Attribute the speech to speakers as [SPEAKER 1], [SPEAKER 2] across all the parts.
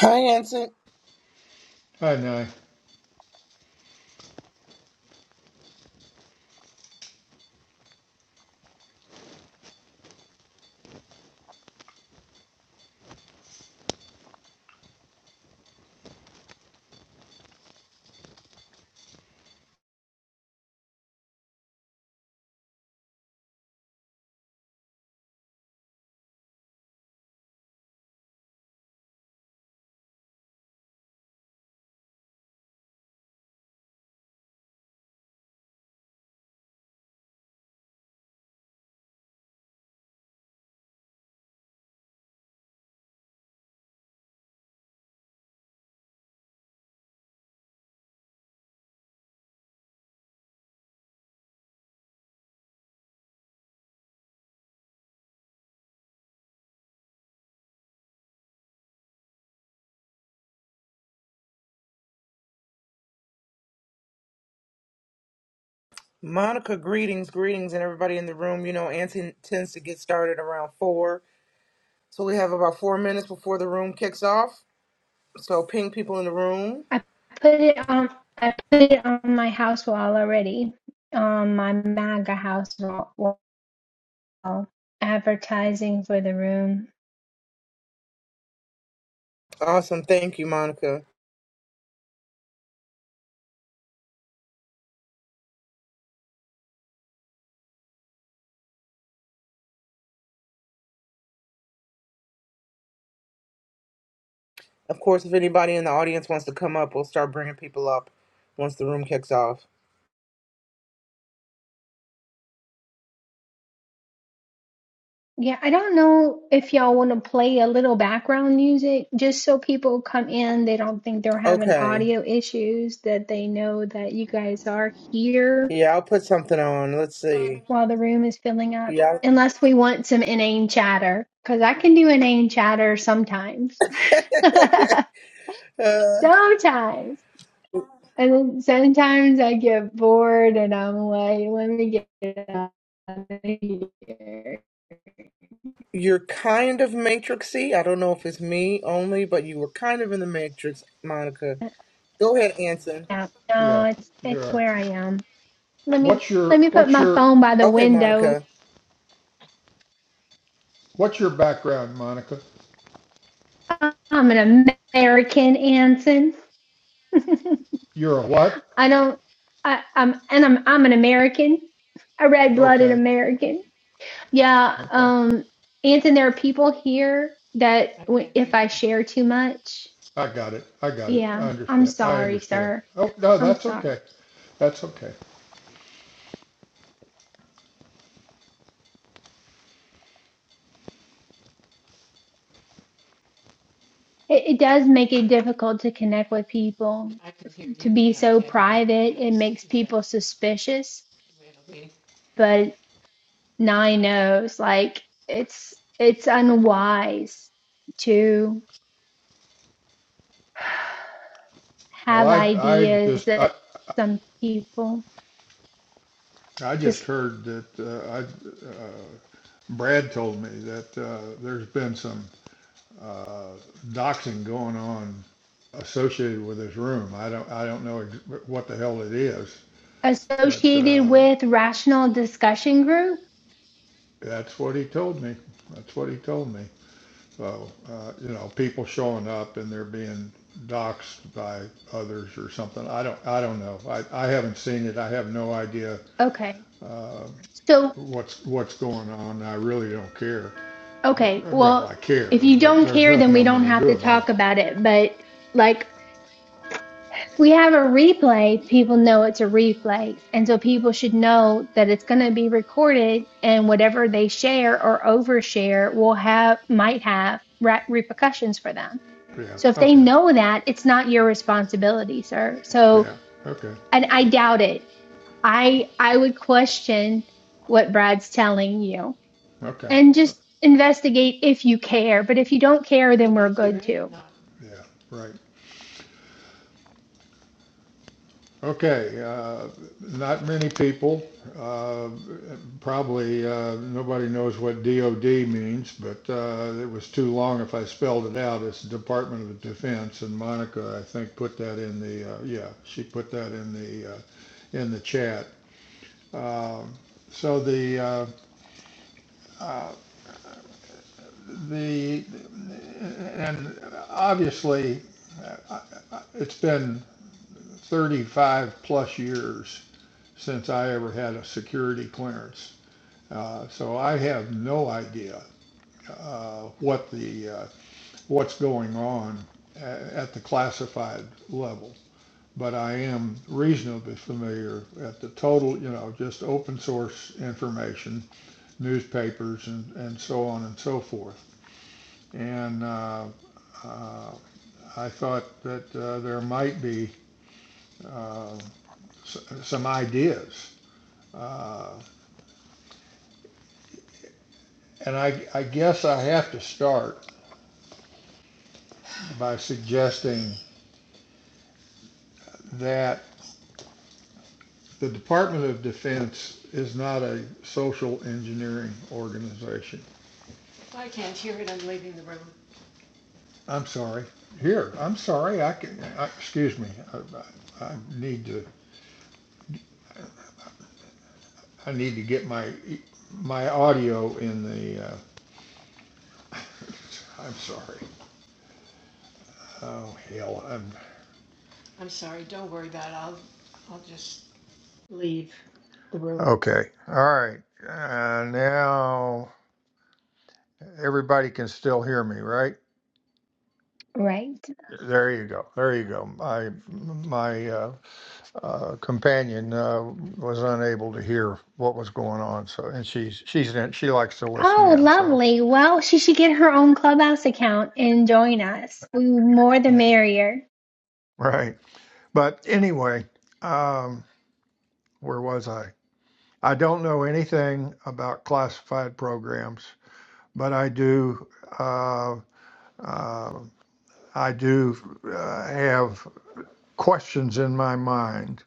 [SPEAKER 1] Hi, Anson.
[SPEAKER 2] I know.
[SPEAKER 1] Monica, greetings, greetings, and everybody in the room. You know, Anson tends to get started around four, so we have about four minutes before the room kicks off. So ping people in the room.
[SPEAKER 3] I put it on. I put it on my house wall already. On my MAGA house wa- wall, advertising for the room.
[SPEAKER 1] Awesome, thank you, Monica. Of course, if anybody in the audience wants to come up, we'll start bringing people up once the room kicks off.
[SPEAKER 3] Yeah, I don't know if y'all want to play a little background music just so people come in. They don't think they're having
[SPEAKER 1] Okay.
[SPEAKER 3] audio issues. That they know that you guys are here
[SPEAKER 1] Yeah, I'll put something on. Let's see.
[SPEAKER 3] while the room is filling up.
[SPEAKER 1] Yeah.
[SPEAKER 3] Unless we want some inane chatter, because I can do inane chatter sometimes.
[SPEAKER 1] uh,
[SPEAKER 3] sometimes. And then sometimes I get bored and I'm like, let me get it out of here.
[SPEAKER 1] you're kind of matrixy. I don't know if it's me only, but you were kind of in the matrix, Monica. Go ahead, Anson.
[SPEAKER 3] Yeah, no,
[SPEAKER 2] Yeah,
[SPEAKER 3] it's
[SPEAKER 2] you
[SPEAKER 3] it's
[SPEAKER 2] are.
[SPEAKER 3] where I am. Let me
[SPEAKER 2] What's
[SPEAKER 3] let
[SPEAKER 2] your
[SPEAKER 3] me put
[SPEAKER 2] what's
[SPEAKER 3] my
[SPEAKER 2] your
[SPEAKER 3] phone by the
[SPEAKER 1] Okay,
[SPEAKER 3] window.
[SPEAKER 1] Monica.
[SPEAKER 2] what's your background, Monica?
[SPEAKER 3] I'm an American, Anson.
[SPEAKER 2] You're a what?
[SPEAKER 3] I don't. I, I'm and I'm I'm an American, a red-blooded
[SPEAKER 2] Okay,
[SPEAKER 3] American. Yeah,
[SPEAKER 2] okay.
[SPEAKER 3] um, Anson, there are people here that when- if I share too much,
[SPEAKER 2] I got it. I got it. I
[SPEAKER 3] yeah, I'm
[SPEAKER 2] understand. I
[SPEAKER 3] sorry,
[SPEAKER 2] understand.
[SPEAKER 3] sir.
[SPEAKER 2] Oh no,
[SPEAKER 3] I'm
[SPEAKER 2] that's
[SPEAKER 3] sorry.
[SPEAKER 2] okay. That's okay.
[SPEAKER 3] It, it does make it difficult to connect with people. To be so private, it makes people suspicious. But Nye knows, like, it's it's unwise to
[SPEAKER 2] Well,
[SPEAKER 3] have
[SPEAKER 2] I I
[SPEAKER 3] ideas
[SPEAKER 2] just
[SPEAKER 3] that
[SPEAKER 2] I
[SPEAKER 3] some people
[SPEAKER 2] I just
[SPEAKER 3] just
[SPEAKER 2] heard that uh, I uh, Brad told me that uh, there's been some uh, doxing going on associated with his room. I don't I don't know ex- what the hell it is, but.
[SPEAKER 3] associated
[SPEAKER 2] uh,
[SPEAKER 3] with rational discussion group.
[SPEAKER 2] That's what he told me. That's what he told me. So, uh, you know, people showing up and they're being doxxed by others or something. I don't, I don't know. I, I haven't seen it. I have no idea
[SPEAKER 3] Okay.
[SPEAKER 2] uh,
[SPEAKER 3] So,
[SPEAKER 2] what's what's going on. I really don't care.
[SPEAKER 3] okay.
[SPEAKER 2] But well,
[SPEAKER 3] Well,
[SPEAKER 2] I care,
[SPEAKER 3] if you
[SPEAKER 2] but
[SPEAKER 3] don't
[SPEAKER 2] there's
[SPEAKER 3] care, then
[SPEAKER 2] nothing
[SPEAKER 3] we
[SPEAKER 2] I'm going
[SPEAKER 3] don't
[SPEAKER 2] to
[SPEAKER 3] have
[SPEAKER 2] do
[SPEAKER 3] to
[SPEAKER 2] about
[SPEAKER 3] talk
[SPEAKER 2] it.
[SPEAKER 3] about it. But like we have a replay, people know it's a replay. And so people should know that it's going to be recorded and whatever they share or overshare will have, might have re- repercussions for them. So if
[SPEAKER 2] Yeah.
[SPEAKER 3] they
[SPEAKER 2] Okay.
[SPEAKER 3] know that, it's not your responsibility, sir. So,
[SPEAKER 2] Yeah. Okay.
[SPEAKER 3] and I doubt it. I, I would question what Brad's telling you
[SPEAKER 2] Okay.
[SPEAKER 3] and just investigate if you care. But if you don't care, then we're good too.
[SPEAKER 2] Yeah. Right. Okay, uh, not many people, uh, probably, uh, nobody knows what DOD means, but, uh, it was too long if I spelled it out. It's the Department of Defense, and Monica, I think, put that in the, uh, yeah, she put that in the, uh, in the chat. Um, so the, uh, uh, the, and obviously, uh, it's been 35 plus years since I ever had a security clearance. Uh, so I have no idea uh, what the uh, what's going on at the classified level. But I am reasonably familiar at the total, you know, just open source information, newspapers, and, and so on and so forth. And uh, uh, I thought that uh, there might be uh, s- some ideas. Uh, and I, I guess I have to start by suggesting that the Department of Defense is not a social engineering organization. I'm sorry. Here, I'm sorry. I can, I, excuse me. I, I, need to, I need to get my, e- my audio in the, uh, I'm sorry. Oh, hell, I'm. Okay, all right. Uh, now, everybody can still hear me, right?
[SPEAKER 3] Right.
[SPEAKER 2] There you go. There you go. My, my, uh, uh, companion uh, was unable to hear what was going on. So, and she's she's in, she likes to listen
[SPEAKER 3] Oh,
[SPEAKER 2] in. So,
[SPEAKER 3] lovely. Well, she should get her own Clubhouse account and join us. We more the merrier.
[SPEAKER 2] right. But anyway, um, where was I? I don't know anything about classified programs, but I do. Uh, uh, I do uh, have questions in my mind.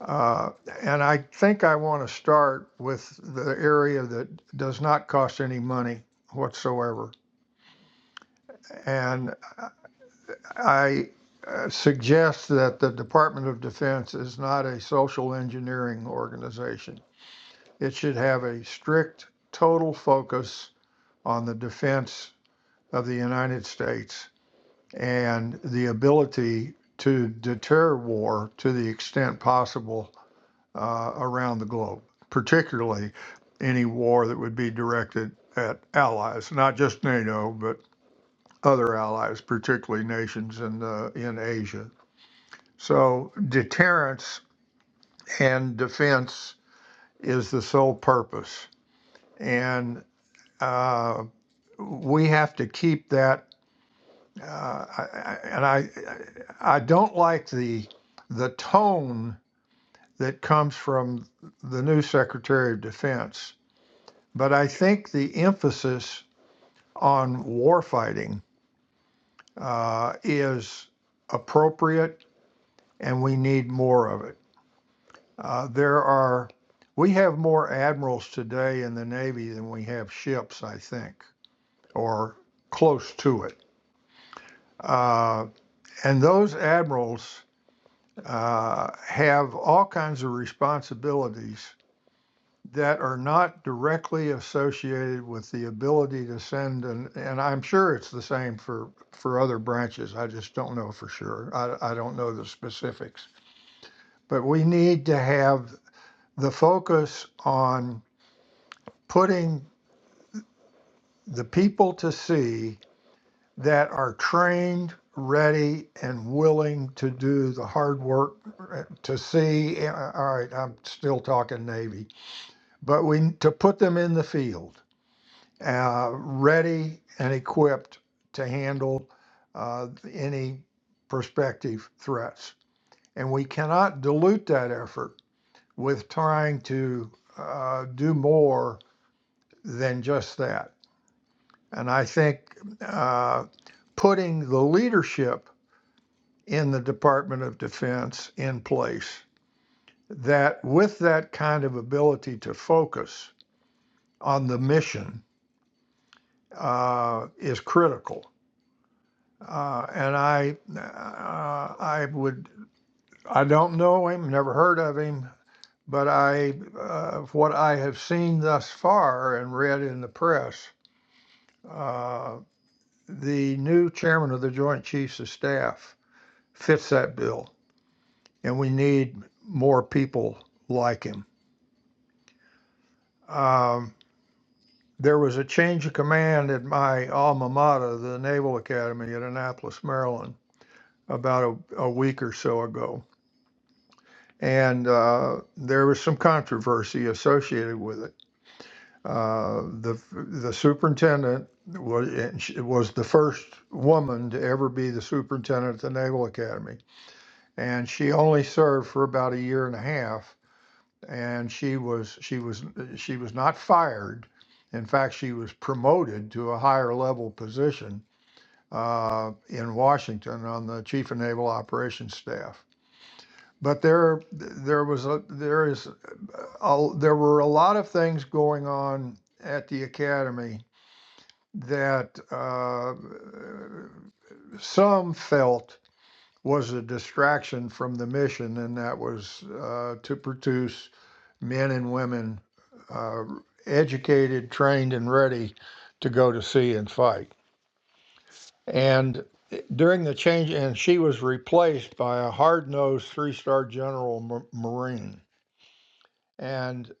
[SPEAKER 2] Uh, and I think I want to start with the area that does not cost any money whatsoever. and. I uh, suggest that the Department of Defense is not a social engineering organization. It should have a strict, total focus on the defense of the United States and the ability to deter war to the extent possible uh, around the globe, particularly any war that would be directed at allies, not just NATO, but other allies, particularly nations in, uh, in Asia. So deterrence and defense is the sole purpose. And uh, we have to keep that. Uh, and I, I don't like the, the tone that comes from the new Secretary of Defense, but I think the emphasis on warfighting uh, is appropriate and we need more of it. Uh, there are, we have more admirals today in the Navy than we have ships, I think, or close to it. Uh, and those admirals uh, have all kinds of responsibilities that are not directly associated with the ability to send an, and I'm sure it's the same for, for other branches. I just don't know for sure. I, I don't know the specifics. But we need to have the focus on putting the people to see that are trained, ready, and willing to do the hard work uh, to see. uh, All right, I'm still talking Navy, but we to put them in the field, uh, ready and equipped to handle uh, any prospective threats. And we cannot dilute that effort with trying to uh, do more than just that And I think uh, putting the leadership in the Department of Defense in place that, with that kind of ability to focus on the mission, uh, is critical. Uh, and I, uh, I would, I don't know him, never heard of him, but I, uh, what I have seen thus far and read in the press, uh, the new chairman of the Joint Chiefs of Staff fits that bill and we need more people like him. Um, there was a change of command at my alma mater, the Naval Academy at Annapolis, Maryland, about a, a week or so ago. And uh, there was some controversy associated with it. Uh, the, the superintendent was, was the first woman to ever be the superintendent at the Naval Academy. And she only served for about a year and a half and she was she was she was not fired. In fact, she was promoted to a higher level position uh, in Washington on the Chief of Naval Operations Staff. But there there was a there is uh, a, there were a lot of things going on at the academy that uh, some felt was a distraction from the mission, and that was uh, to produce men and women uh, educated, trained, and ready to go to sea and fight. And during the change, and she was replaced by a hard-nosed three-star general Marine. And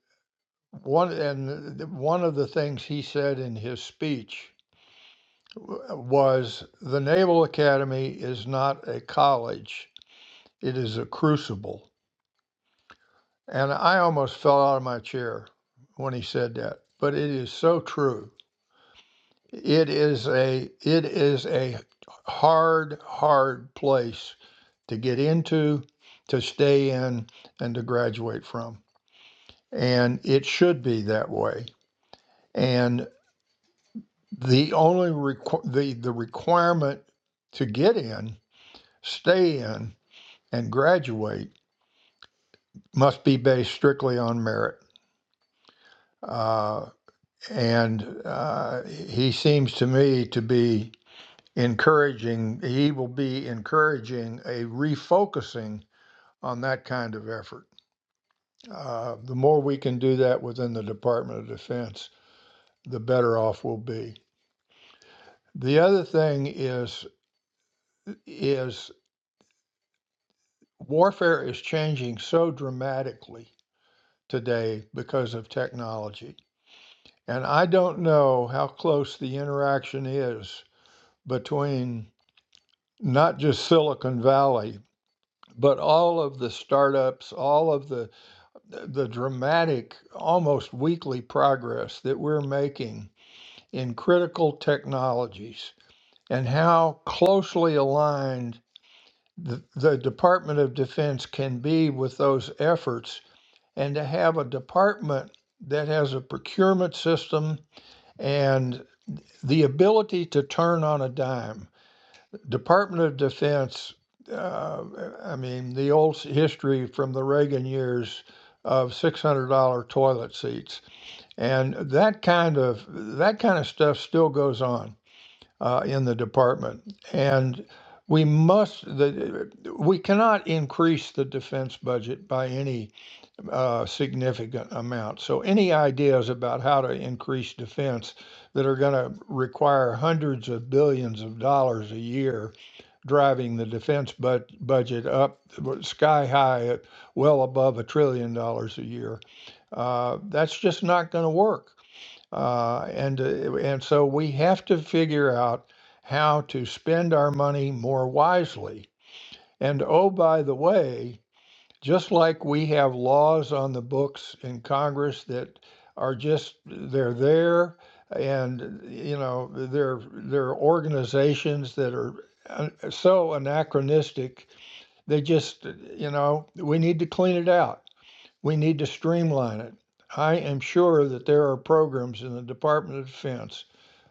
[SPEAKER 2] one and one of the things he said in his speech was, "The Naval Academy is not a college; it is a crucible." And I almost fell out of my chair when he said that, but it is so true It is a it is a hard, hard place to get into, to stay in, and to graduate from. And it should be that way. And the only requ- the the requirement to get in, stay in, and graduate must be based strictly on merit. Uh, and uh, he seems to me to be encouraging, he will be encouraging a refocusing on that kind of effort. Uh, the more we can do that within the Department of Defense, the better off we'll be. The other thing is is warfare is changing so dramatically today because of technology. And I don't know how close the interaction is between not just Silicon Valley, but all of the startups, all of the the dramatic, almost weekly progress that we're making in critical technologies and how closely aligned the, the Department of Defense can be with those efforts, and to have a department that has a procurement system and the ability to turn on a dime. Department of Defense, uh, I mean, the old history from the Reagan years of $600 toilet seats And that kind of that kind of stuff still goes on uh, in the department. And we must the, we cannot increase the defense budget by any uh, significant amount. So any ideas about how to increase defense that are going to require hundreds of billions of dollars a year driving the defense bud budget up sky high at well above a trillion dollars a year uh, that's just not going to work uh, and uh, and so we have to figure out how to spend our money more wisely. And oh, by the way, just like we have laws on the books in Congress that are just they're there, and you know they're they're organizations that are uh, so anachronistic. They just you know we need to clean it out we need to streamline it. I am sure that there are programs in the Department of Defense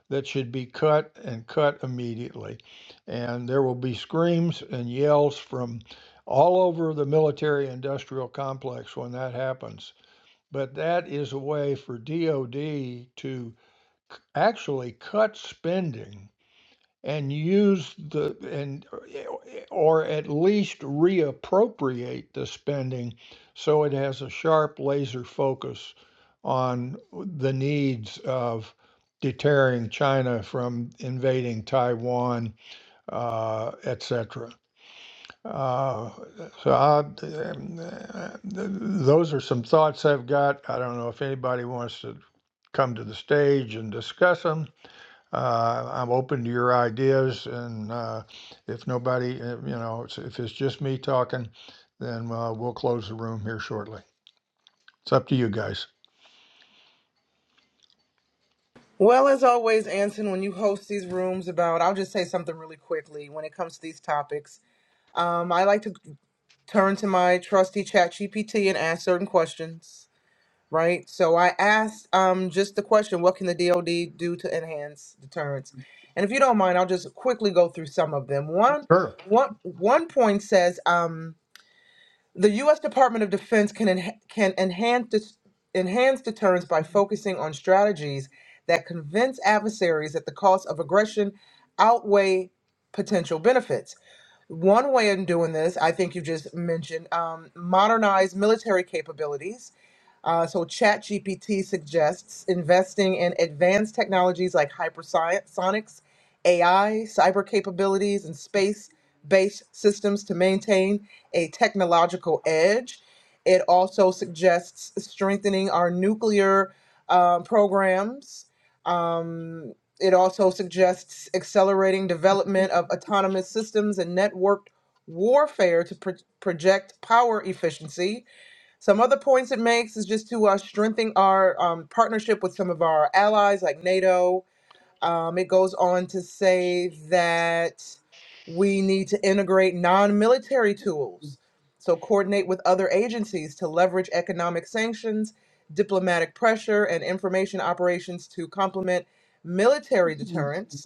[SPEAKER 2] that should be cut and cut immediately. And there will be screams and yells from all over the military industrial complex when that happens. But that is a way for DOD to actually cut spending and use the and or at least reappropriate the spending so it has a sharp laser focus on the needs of deterring China from invading Taiwan, uh, etc. Uh, so I, um, uh, th- those are some thoughts I've got. I don't know if anybody wants to come to the stage and discuss them. Uh, I'm open to your ideas, and uh, if nobody, uh, you know, if it's just me talking, then uh, we'll close the room here shortly. It's up to you guys.
[SPEAKER 1] Well, as always, Anson, when you host these rooms about, I'll just say something really quickly when it comes to these topics. Um, I like to turn to my trusty chat GPT and ask certain questions, right? So I asked um, just the question, what can the DOD do to enhance deterrence? And if you don't mind, I'll just quickly go through some of them. One,
[SPEAKER 2] Sure.
[SPEAKER 1] one, one point says, um, The U.S. Department of Defense can enha- can enhance dis- enhance deterrence by focusing on strategies that convince adversaries that the costs of aggression outweigh potential benefits. One way of doing this, I think you just mentioned, um, modernize military capabilities uh, so ChatGPT suggests investing in advanced technologies like hypersonics, AI, cyber capabilities, and space-based systems to maintain a technological edge. It also suggests strengthening our nuclear uh, programs. Um, it also suggests accelerating development of autonomous systems and networked warfare to pro- project power efficiency some other points it makes is just to uh, strengthen our um, partnership with some of our allies like NATO. Um, it goes on to say that we need to integrate non military tools. So, coordinate with other agencies to leverage economic sanctions, diplomatic pressure, and information operations to complement military deterrence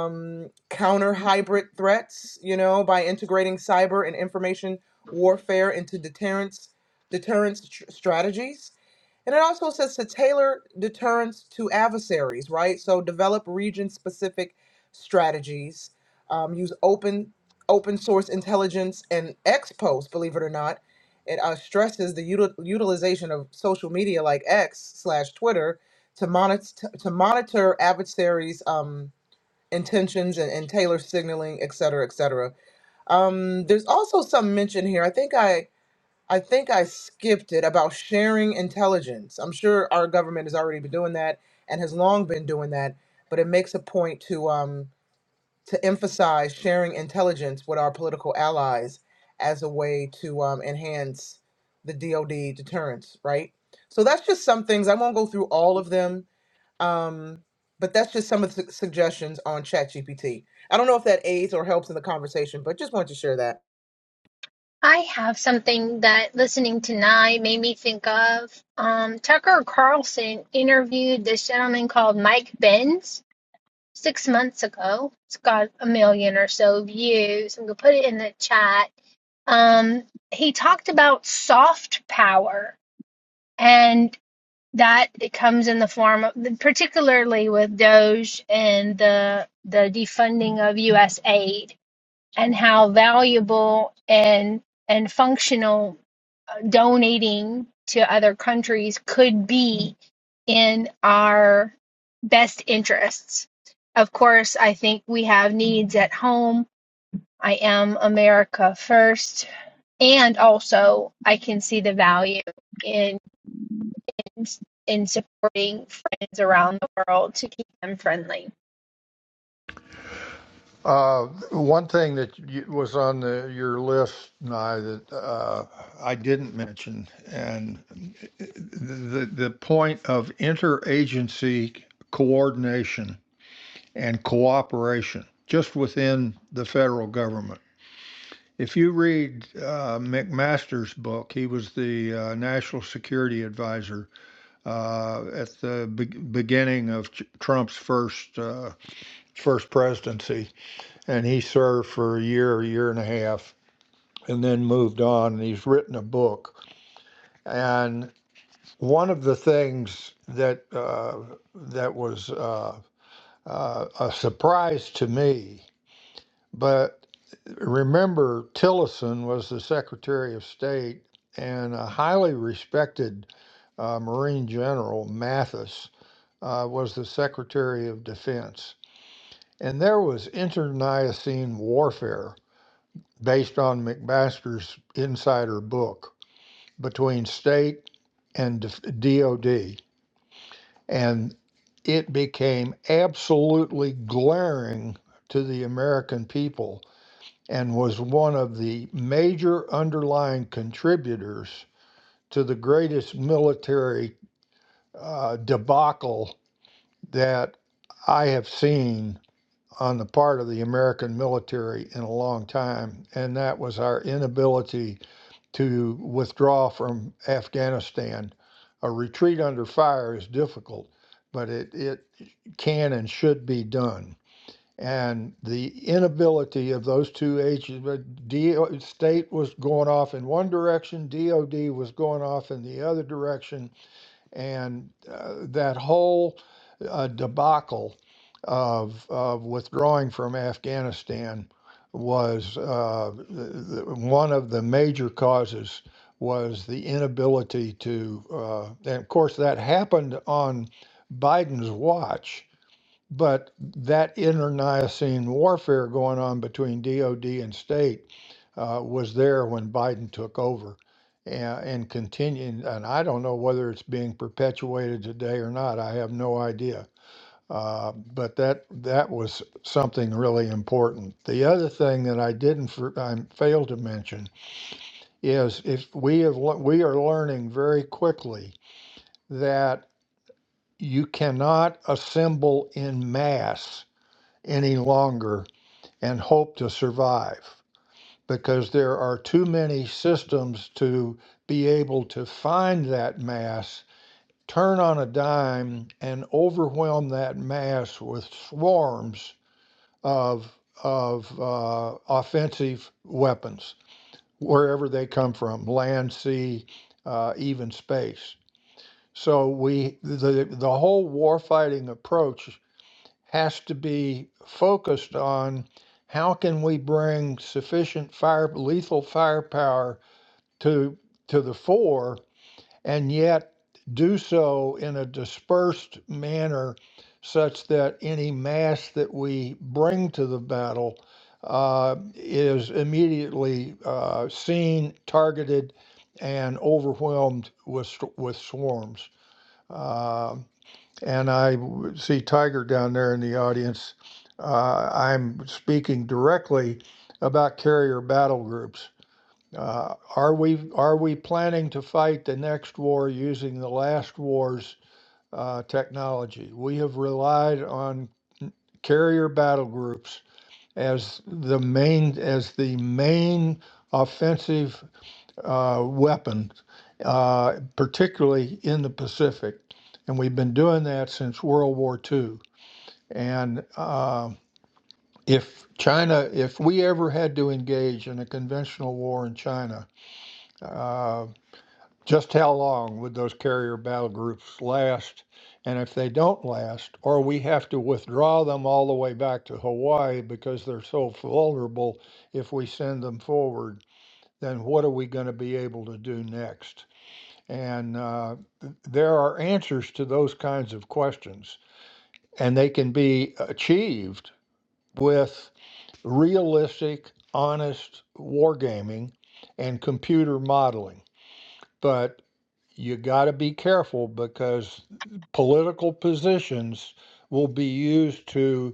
[SPEAKER 1] um, counter hybrid threats, you know, by integrating cyber and information warfare into deterrence deterrence tr- strategies. And it also says to tailor deterrence to adversaries, right? So develop region specific strategies, um, use open open source intelligence and expos, believe it or not. It uh, stresses the util- utilization of social media like X slash Twitter to monitor to monitor adversaries' um, intentions and, and Taylor signaling, et cetera, et cetera. Um, there's also some mention here. I think I I think I skipped it about sharing intelligence. I'm sure our government has already been doing that and has long been doing that, but it makes a point to um to emphasize sharing intelligence with our political allies as a way to um, enhance the DoD deterrence, right? So that's just some things. I won't go through all of them um, but that's just some of the suggestions on ChatGPT. I don't know if that aids or helps in the conversation, but just wanted to share that.
[SPEAKER 3] I have something that listening tonight made me think of. Um, Tucker Carlson interviewed this gentleman called Mike Benz six months ago. It's got a million or so views. I'm gonna put it in the chat. Um, he talked about soft power, and. that it comes in the form of particularly with doge and the the defunding of us aid and how valuable and and functional uh, donating to other countries could be in our best interests of course i think we have needs at home I am America first. And also, I can see the value in, in in supporting friends around the world to keep them friendly.
[SPEAKER 2] Uh, one thing that you, was on the, your list, Nye, that uh, I didn't mention, and the the point of interagency coordination and cooperation just within the federal government. If you read uh, McMaster's book, he was the uh, national security advisor uh, at the be- beginning of Ch- Trump's first uh, first presidency, and he served for a year, a year and a half, and then moved on. And he's written a book. And one of the things that uh, that was uh, uh, a surprise to me, but Remember, Tillerson was the Secretary of State and a highly respected uh, Marine General Mathis uh, was the Secretary of Defense. And there was internecine warfare based on McMaster's insider book between state and DOD. And it became absolutely glaring to the American people and was one of the major underlying contributors to the greatest military uh, debacle that I have seen on the part of the American military in a long time, and that was our inability to withdraw from Afghanistan. A retreat under fire is difficult, but it, it can and should be done and the inability of those two agencies, DO, state was going off in one direction, DOD was going off in the other direction, and uh, that whole uh, debacle of, of withdrawing from Afghanistan was uh, the, the, one of the major causes was the inability to, uh, and of course that happened on Biden's watch but that internecine warfare going on between DOD and state uh, was there when Biden took over and, and continuing. And I don't know whether it's being perpetuated today or not. I have no idea. Uh, but that that was something really important. The other thing that I didn't for, I failed to mention is if we have le- we are learning very quickly that you cannot assemble in mass any longer and hope to survive because there are too many systems to be able to find that mass, turn on a dime, and overwhelm that mass with swarms of, of uh, offensive weapons, wherever they come from land, sea, uh, even space. So we the the whole warfighting approach has to be focused on how can we bring sufficient fire lethal firepower to to the fore and yet do so in a dispersed manner such that any mass that we bring to the battle uh, is immediately uh, seen, targeted, and overwhelmed with, with swarms. Um, and I see Tiger down there in the audience. Uh, I'm speaking directly about carrier battle groups. Uh, are we are we planning to fight the next war using the last war's uh, technology? We have relied on carrier battle groups as the main as the main offensive uh, weapon, uh, particularly in the Pacific, and we've been doing that since World War II. And uh, if China, if we ever had to engage in a conventional war in China, uh, just how long would those carrier battle groups last? And if they don't last, or we have to withdraw them all the way back to Hawaii because they're so vulnerable if we send them forward, then what are we going to be able to do next? And uh, th- there are answers to those kinds of questions, and they can be achieved with realistic, honest wargaming and computer modeling. But you got to be careful because political positions will be used to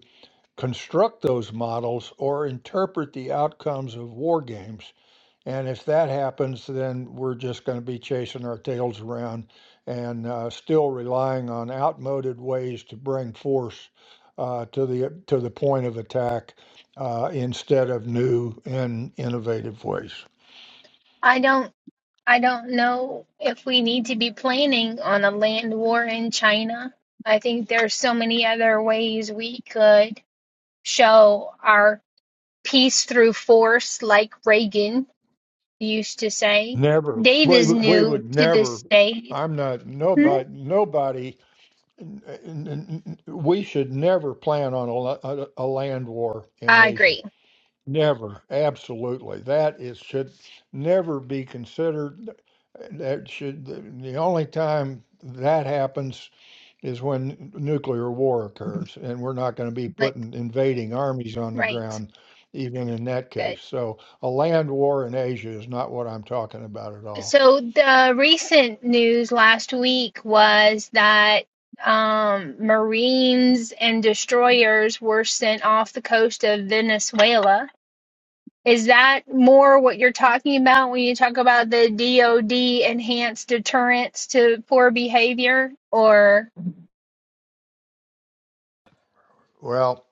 [SPEAKER 2] construct those models or interpret the outcomes of war games. And if that happens, then we're just going to be chasing our tails around and uh, still relying on outmoded ways to bring force uh, to the to the point of attack uh, instead of new and innovative ways.
[SPEAKER 3] I don't I don't know if we need to be planning on a land war in China. I think there's so many other ways we could show our peace through force, like Reagan used to say.
[SPEAKER 2] Never,
[SPEAKER 3] Dave
[SPEAKER 2] we,
[SPEAKER 3] is
[SPEAKER 2] would- we
[SPEAKER 3] new
[SPEAKER 2] would
[SPEAKER 3] to this
[SPEAKER 2] never.
[SPEAKER 3] stage.
[SPEAKER 2] I'm not
[SPEAKER 3] Hmm?
[SPEAKER 2] nobody. Nobody. n- n- n- We should never plan on a, la- a a land war in
[SPEAKER 3] I
[SPEAKER 2] Asia.
[SPEAKER 3] agree.
[SPEAKER 2] Never, absolutely. That is should never be considered. That should the, the only time that happens is when nuclear war occurs, and we're not going to be
[SPEAKER 3] Like,
[SPEAKER 2] putting invading armies on the
[SPEAKER 3] right.
[SPEAKER 2] ground, even in that
[SPEAKER 3] Good.
[SPEAKER 2] case. So a land war in Asia is not what I'm talking about at all.
[SPEAKER 3] So the recent news last week was that um, Marines and destroyers were sent off the coast of Venezuela. Is that more what you're talking about when you talk about the DoD enhanced deterrence to poor behavior? Or
[SPEAKER 2] Well,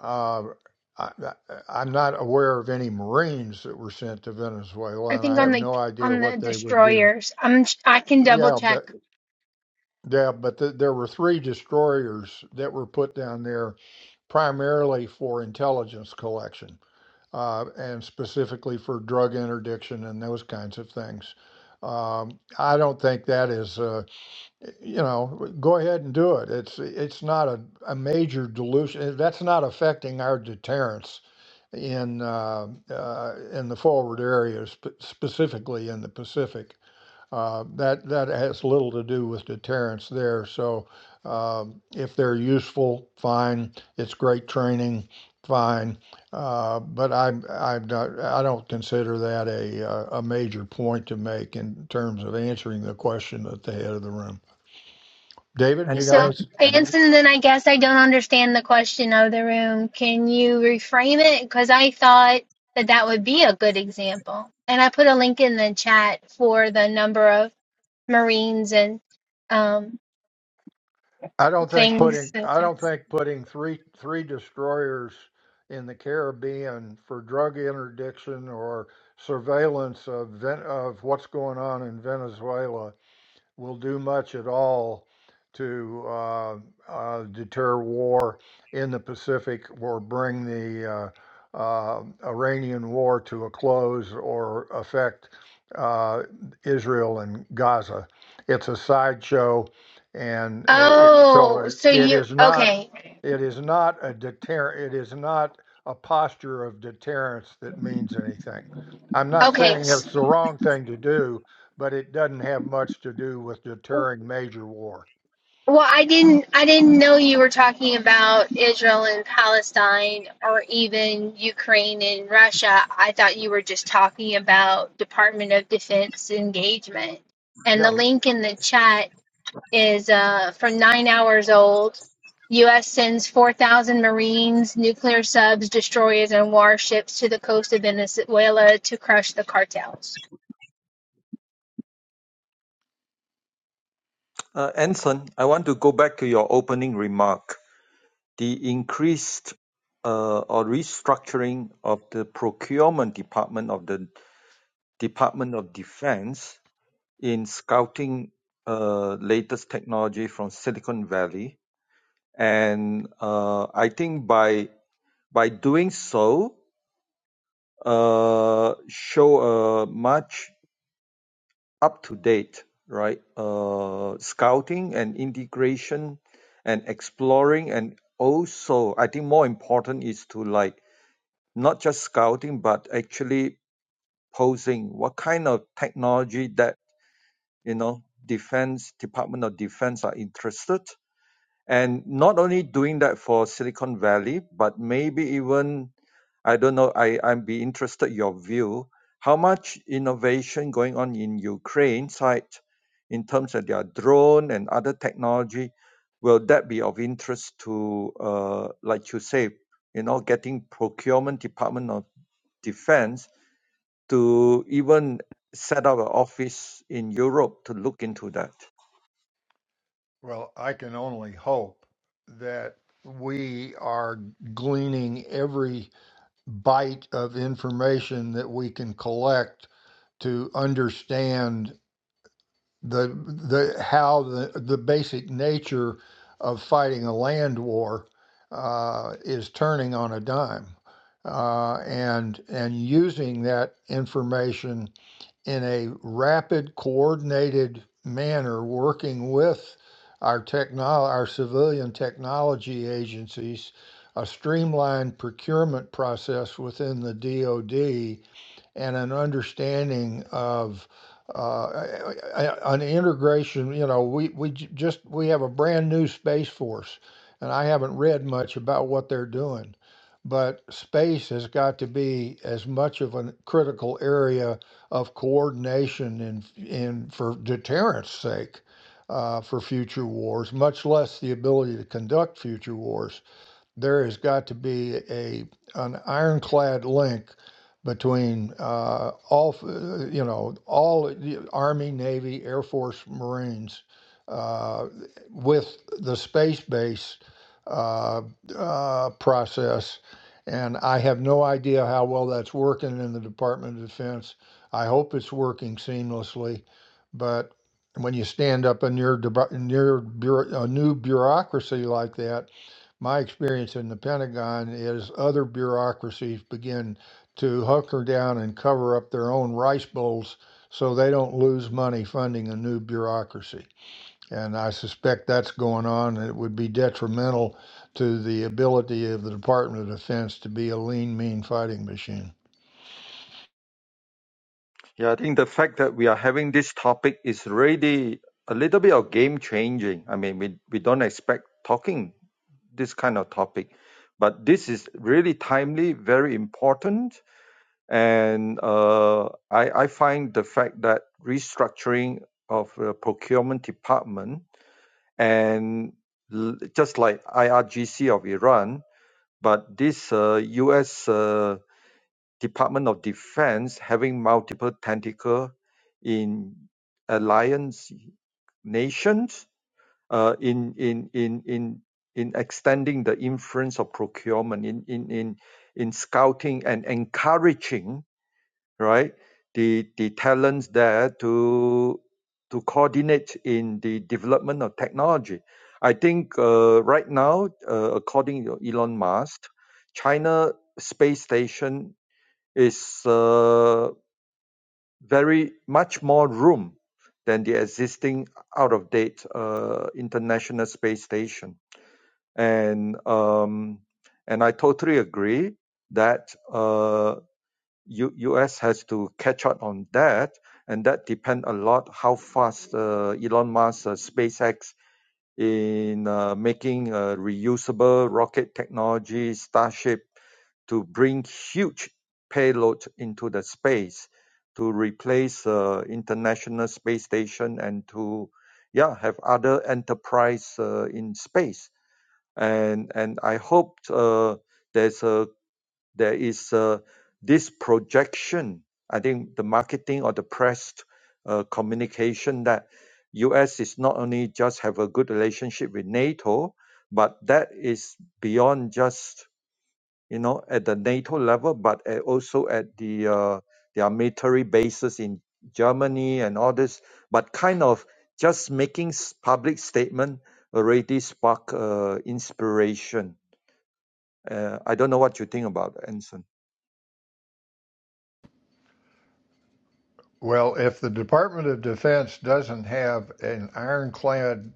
[SPEAKER 2] uh, I, I- I'm not aware of any Marines that were sent to
[SPEAKER 3] I
[SPEAKER 2] Venezuela, and
[SPEAKER 3] think
[SPEAKER 2] I
[SPEAKER 3] on
[SPEAKER 2] have
[SPEAKER 3] the
[SPEAKER 2] no idea
[SPEAKER 3] on the
[SPEAKER 2] what they would do.
[SPEAKER 3] destroyers, I'm I can double
[SPEAKER 2] Yeah,
[SPEAKER 3] check.
[SPEAKER 2] Yeah, but th there were three destroyers that were put down there primarily for intelligence collection, uh, and specifically for drug interdiction and those kinds of things. Um, I don't think that is, uh, you know, go ahead and do it. It's it's not a, a major dilution. eh, That's not affecting our deterrence in uh, uh, in the forward areas, sp- specifically in the Pacific. Uh, that that has little to do with deterrence there. So um, if they're useful, fine. It's great training, fine. Uh, but I'm I'm not I don't consider that a uh, a major point to make in terms of answering the question at the head of the room. David, you got to
[SPEAKER 3] So,
[SPEAKER 4] Anson?
[SPEAKER 2] answer.
[SPEAKER 3] Anson, then I guess I don't understand the question of the room. Can you reframe it? Because I thought that that would be a good example. And I put a link in the chat for the number of Marines and um,
[SPEAKER 2] I don't think
[SPEAKER 3] things.
[SPEAKER 2] putting I don't think putting three three destroyers in the Caribbean for drug interdiction or surveillance of Ven- of what's going on in Venezuela will do much at all to uh, uh, deter war in the Pacific or bring the uh, uh, Iranian war to a close or affect uh, Israel and Gaza. It's a sideshow, and uh, it, so
[SPEAKER 3] Oh,
[SPEAKER 2] it,
[SPEAKER 3] so
[SPEAKER 2] it
[SPEAKER 3] you,
[SPEAKER 2] is not.
[SPEAKER 3] okay,
[SPEAKER 2] It is not a deter. It is not a posture of deterrence that means anything. I'm not
[SPEAKER 3] okay.
[SPEAKER 2] saying it's the wrong thing to do but it doesn't have much to do with deterring major war.
[SPEAKER 3] Well, I didn't I didn't know you were talking about Israel and Palestine or even Ukraine and Russia. I thought you were just talking about Department of Defense engagement. And
[SPEAKER 2] Yeah,
[SPEAKER 3] the link in the chat is uh, from nine hours old. U.S. sends 4,000 Marines, nuclear subs, destroyers, and warships to the coast of Venezuela to crush the cartels.
[SPEAKER 4] Uh, Anson, I want to go back to your opening remark. The increased uh, or restructuring of the procurement department of the Department of Defense in scouting uh, latest technology from Silicon Valley, and uh, I think by by doing so, uh, show a much up-to-date, right, uh, scouting and integration and exploring. And also, I think more important is to like not just scouting, but actually posing what kind of technology that, you know, defense, Department of Defense are interested and not only doing that for Silicon Valley, but maybe even I don't know. I I'd be interested your view. How much innovation going on in Ukraine side in terms of their drone and other technology? Will that be of interest to, uh, like you say, you know, getting procurement department of defense to even set up an office in Europe to look into that?
[SPEAKER 2] well, I can only hope that we are gleaning every bite of information that we can collect to understand the the how the the basic nature of fighting a land war uh, is turning on a dime, uh, and and using that information in a rapid, coordinated manner, working with our technol, our civilian technology agencies, a streamlined procurement process within the DoD and an understanding of uh, an integration. You know, we we j- just we have a brand new space force, and I haven't read much about what they're doing, but space has got to be as much of a critical area of coordination in in for deterrence sake. Uh, for future wars, much less the ability to conduct future wars there has got to be a an ironclad link between uh, all uh, you know all Army, Navy, Air Force, Marines uh, with the space base uh, uh, process. And I have no idea how well that's working in the Department of Defense. I hope it's working seamlessly, but when you stand up a near, near a new bureaucracy like that, my experience in the Pentagon is other bureaucracies begin to hunker down and cover up their own rice bowls so they don't lose money funding a new bureaucracy. And I suspect that's going on. and It would be detrimental to the ability of the Department of Defense to be a lean, mean fighting machine.
[SPEAKER 4] Yeah, I think the fact that we are having this topic is really a little bit of game changing. I mean, we, we don't expect talking this kind of topic, but this is really timely, very important. And uh, I, I find the fact that restructuring of the procurement department and l- just like IRGC of Iran, but this uh, US. Uh, Department of Defense having multiple tentacles in alliance nations uh, in, in, in, in, in extending the influence of procurement, in, in, in, in scouting and encouraging, right, the, the talents there to, to coordinate in the development of technology. I think uh, right now, uh, according to Elon Musk, China space station is uh, very much more room than the existing out of date uh, international space station and um, and I totally agree that uh, U- US has to catch up on that and that depends a lot how fast uh, Elon Musk uh, SpaceX in uh, making a reusable rocket technology Starship to bring huge payloads into the space to replace the uh, international space station and to yeah have other enterprise uh, in space and and i hope uh, there's a there is uh, this projection. I think the marketing or the press uh, communication that U.S. is not only just have a good relationship with NATO, but that is beyond just you know at the NATO level, but a- also at the uh, their military bases in Germany and all this. But kind of just making s- public statement already spark uh, inspiration. Uh, I don't know what you think about it, Anson.
[SPEAKER 2] Well, if the Department of Defense doesn't have an ironclad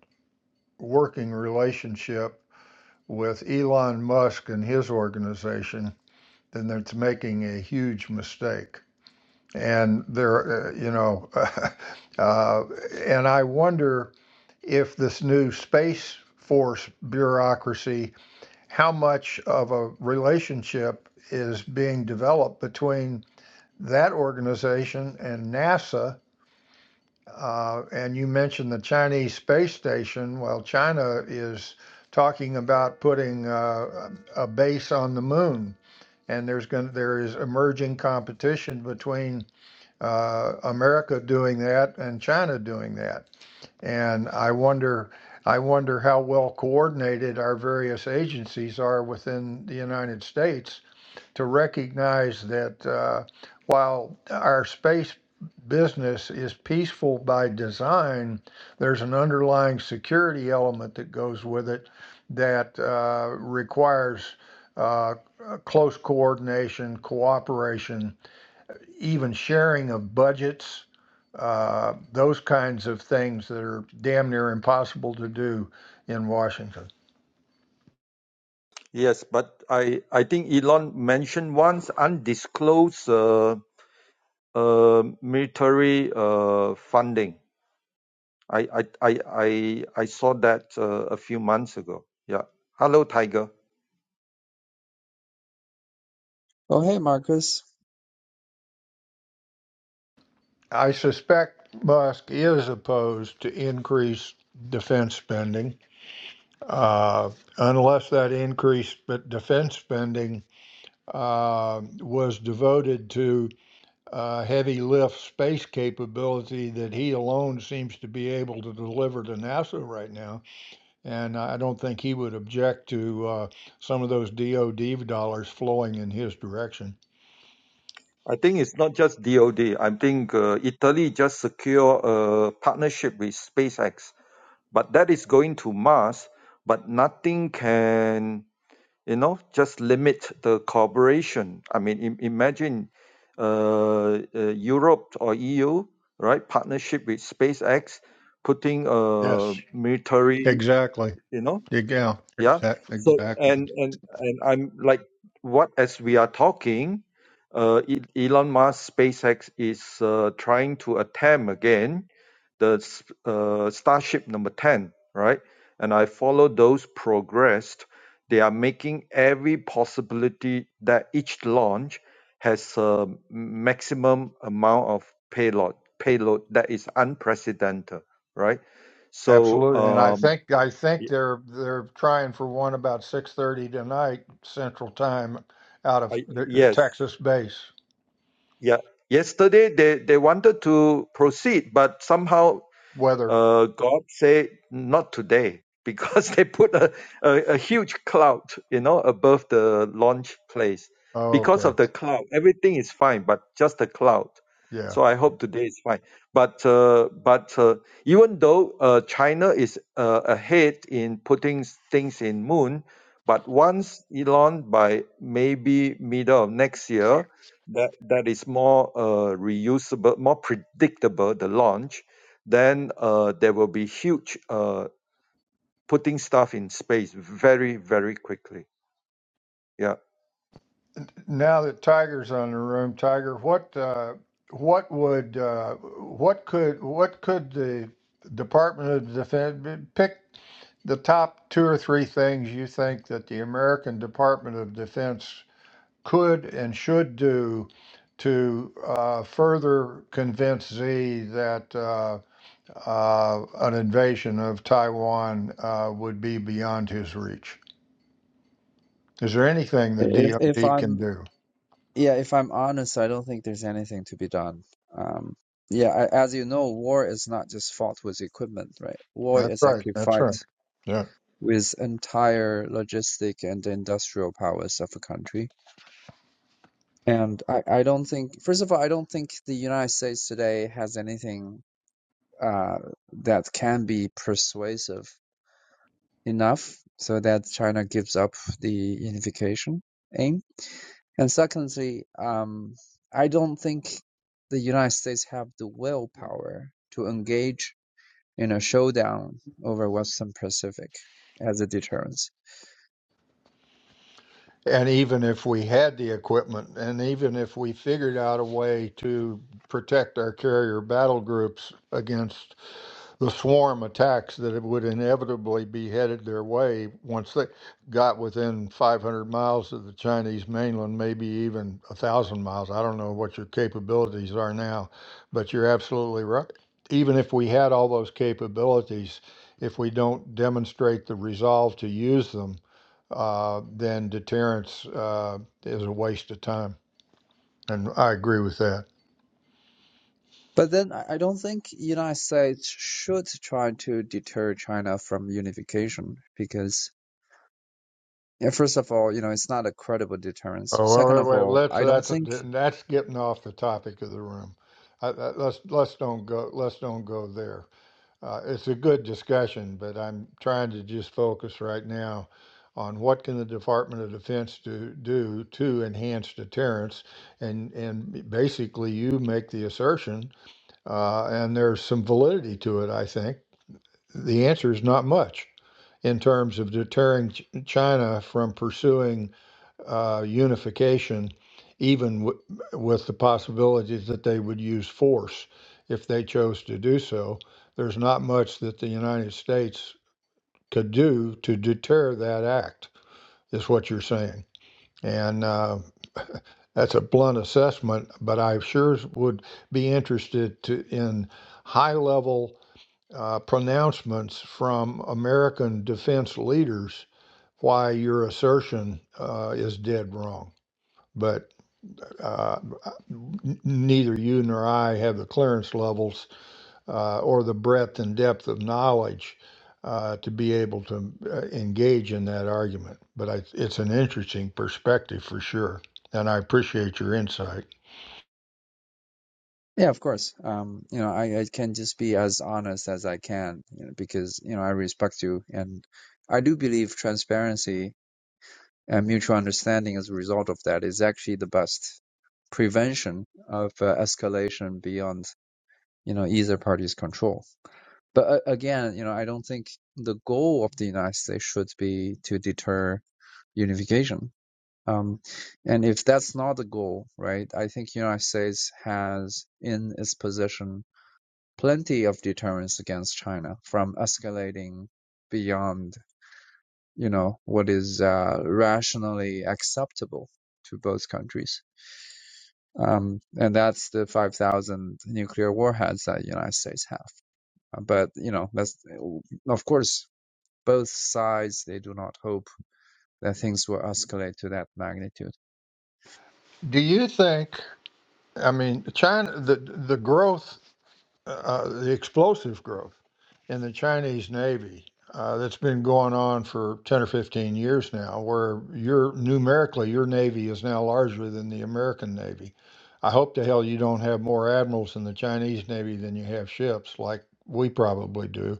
[SPEAKER 2] working relationship with Elon Musk and his organization, then that's making a huge mistake. And there, uh, you know, uh, uh, and I wonder if this new Space Force bureaucracy, how much of a relationship is being developed between that organization and NASA. Uh, and you mentioned the Chinese space station. Well, China is talking about putting uh, a base on the moon and there's going there is emerging competition between uh, America doing that and China doing that. And I wonder I wonder how well coordinated our various agencies are within the United States to recognize that uh, while our space business is peaceful by design, there's an underlying security element that goes with it that uh, requires uh, close coordination, cooperation, even sharing of budgets. Uh, those kinds of things that are damn near impossible to do in Washington.
[SPEAKER 4] Yes, but I I think Elon mentioned once undisclosed uh, uh, military uh, funding. I I I I I saw that uh, a few months ago. Yeah. Hello, Tiger.
[SPEAKER 5] Oh, hey, Marcus.
[SPEAKER 2] I suspect Musk is opposed to increased defense spending, uh, unless that increased defense spending uh, was devoted to uh, heavy lift space capability that he alone seems to be able to deliver to NASA right now. And I don't think he would object to uh, some of those DoD dollars flowing in his direction.
[SPEAKER 4] I think it's not just DoD. I think uh, Italy just secure a partnership with SpaceX, but that is going to Mars. But nothing can you know just limit the cooperation i mean im- imagine uh, uh, europe or eu right partnership with spacex putting
[SPEAKER 2] Yes,
[SPEAKER 4] a military
[SPEAKER 2] exactly.
[SPEAKER 4] you know
[SPEAKER 2] Yeah, yeah,
[SPEAKER 4] yeah
[SPEAKER 2] exac-
[SPEAKER 4] so
[SPEAKER 2] exactly.
[SPEAKER 4] and and and i'm like what as we are talking uh E- elon musk spacex is uh, trying to attempt again the s- uh, starship number 10 right and i follow those progressed they are making every possibility that each launch has a maximum amount of payload payload that is unprecedented right so
[SPEAKER 2] Absolutely, and I
[SPEAKER 4] um
[SPEAKER 2] think I think
[SPEAKER 4] y-
[SPEAKER 2] they're they're trying for one about six thirty tonight Central Time, out of
[SPEAKER 4] I,
[SPEAKER 2] the the
[SPEAKER 4] yes
[SPEAKER 2] Texas base.
[SPEAKER 4] Yeah. Yesterday they, they wanted to proceed, but somehow
[SPEAKER 2] Weather.
[SPEAKER 4] uh, God said, not today, because they put a, a, a huge cloud, you know, above the launch place.
[SPEAKER 2] Oh,
[SPEAKER 4] Because
[SPEAKER 2] okay,
[SPEAKER 4] of the cloud, everything is fine, but just the cloud.
[SPEAKER 2] yeah.
[SPEAKER 4] So I hope today is fine. But uh, but uh, even though uh, China is uh, ahead in putting s- things in moon, but once Elon by maybe middle of next year, that that is more uh, reusable, more predictable the launch then uh, there will be huge uh, putting stuff in space very very quickly yeah
[SPEAKER 2] Now that Tiger's on the room, Tiger, what uh, what would uh, what could what could the Department of Defense pick the top two or three things you think that the American Department of Defense could and should do to uh, further convince Z that uh, uh, an invasion of Taiwan uh, would be beyond his reach? Is there anything the
[SPEAKER 5] If if
[SPEAKER 2] DoD can
[SPEAKER 5] I'm
[SPEAKER 2] do?
[SPEAKER 5] yeah, if I'm honest, I don't think there's anything to be done. Um, yeah, I, as you know, war is not just fought with equipment, right? War
[SPEAKER 2] That's
[SPEAKER 5] is
[SPEAKER 2] right.
[SPEAKER 5] actually
[SPEAKER 2] That's
[SPEAKER 5] fought
[SPEAKER 2] right. Yeah.
[SPEAKER 5] with entire logistic and industrial powers of a country. And I, I don't think, first of all, I don't think the United States today has anything uh, that can be persuasive enough so that China gives up the unification aim. And secondly, um, I don't think the United States have the willpower to engage in a showdown over Western Pacific as a deterrence.
[SPEAKER 2] And even if we had the equipment, and even if we figured out a way to protect our carrier battle groups against the swarm attacks that would inevitably be headed their way once they got within 500 miles of the Chinese mainland, maybe even a thousand miles. I don't know what your capabilities are now, but you're absolutely right. Even if we had all those capabilities, if we don't demonstrate the resolve to use them, uh, then deterrence uh, is a waste of time. And I agree with that.
[SPEAKER 5] But then I don't think the United States should try to deter China from unification because yeah, first of all, you know, it's not a credible deterrence.
[SPEAKER 2] Oh, wait,
[SPEAKER 5] Second of
[SPEAKER 2] wait, wait.
[SPEAKER 5] all,
[SPEAKER 2] Let's
[SPEAKER 5] I don't
[SPEAKER 2] that's
[SPEAKER 5] think
[SPEAKER 2] that's getting off the topic of the room. I, I, let's let's don't go let's don't go there. Uh, it's a good discussion, but I'm trying to just focus right now on what can the Department of Defense do do to enhance deterrence, and and basically you make the assertion, uh, and there's some validity to it. I think the answer is not much in terms of deterring Ch- China from pursuing uh, unification, even w- with the possibilities that they would use force if they chose to do so. There's not much that the United States could do to deter that act, is what you're saying. And uh, that's a blunt assessment, but I sure would be interested to, in high level uh, pronouncements from American defense leaders why your assertion uh, is dead wrong. But uh, neither you nor I have the clearance levels uh, or the breadth and depth of knowledge uh, to be able to uh, engage in that argument. But I, it's an interesting perspective for sure, and I appreciate your insight.
[SPEAKER 5] Yeah, of course. Um, you know, I, I can just be as honest as I can, you know, because, you know, I respect you. And I do believe transparency and mutual understanding as a result of that is actually the best prevention of uh, escalation beyond, you know, either party's control. But uh, again, you know, I don't think the goal of the United States should be to deter unification. Um, and if that's not the goal, right, I think United States has in its position plenty of deterrence against China from escalating beyond, you know, what is uh, rationally acceptable to both countries. Um, and that's the 5,000 nuclear warheads that the United States have. Uh, But, you know, that's, of course, both sides, they do not hope that things will escalate to that magnitude.
[SPEAKER 2] Do you think? I mean, China, the the growth, uh, the explosive growth. in the Chinese Navy uh, that's been going on for 10 or 15 years now, where your numerically your Navy is now larger than the American Navy. I hope to hell you don't have more admirals in the Chinese Navy than you have ships, like we probably do,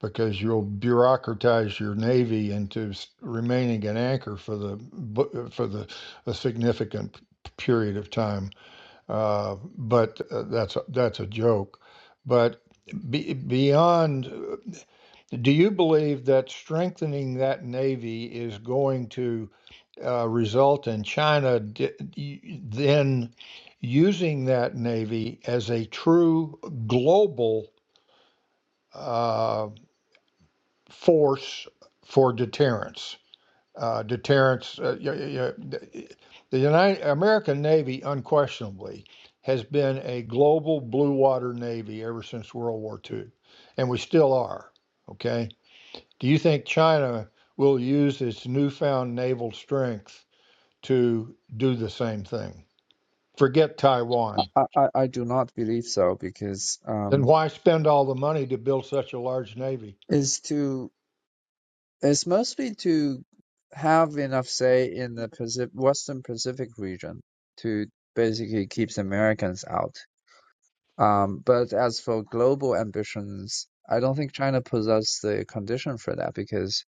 [SPEAKER 2] because you'll bureaucratize your Navy into s- remaining an anchor for the bu- for the a significant period of time. Uh, but uh, that's a, that's a joke. But be, beyond uh, do you believe that strengthening that navy is going to uh, result in China di- then using that navy as a true global uh, force for deterrence? Uh, deterrence. Uh, y- y- y- the United American Navy unquestionably has been a global blue water navy ever since World War II, and we still are. Okay Do you think China will use its newfound naval strength to do the same thing? Forget Taiwan.
[SPEAKER 5] I, I, I do not believe so because
[SPEAKER 2] Then
[SPEAKER 5] um,
[SPEAKER 2] why spend all the money to build such a large navy?
[SPEAKER 5] is to It's mostly to have enough say in the Pacific, Western Pacific region to basically keep the Americans out. Um, but as for global ambitions, I don't think China possesses the condition for that because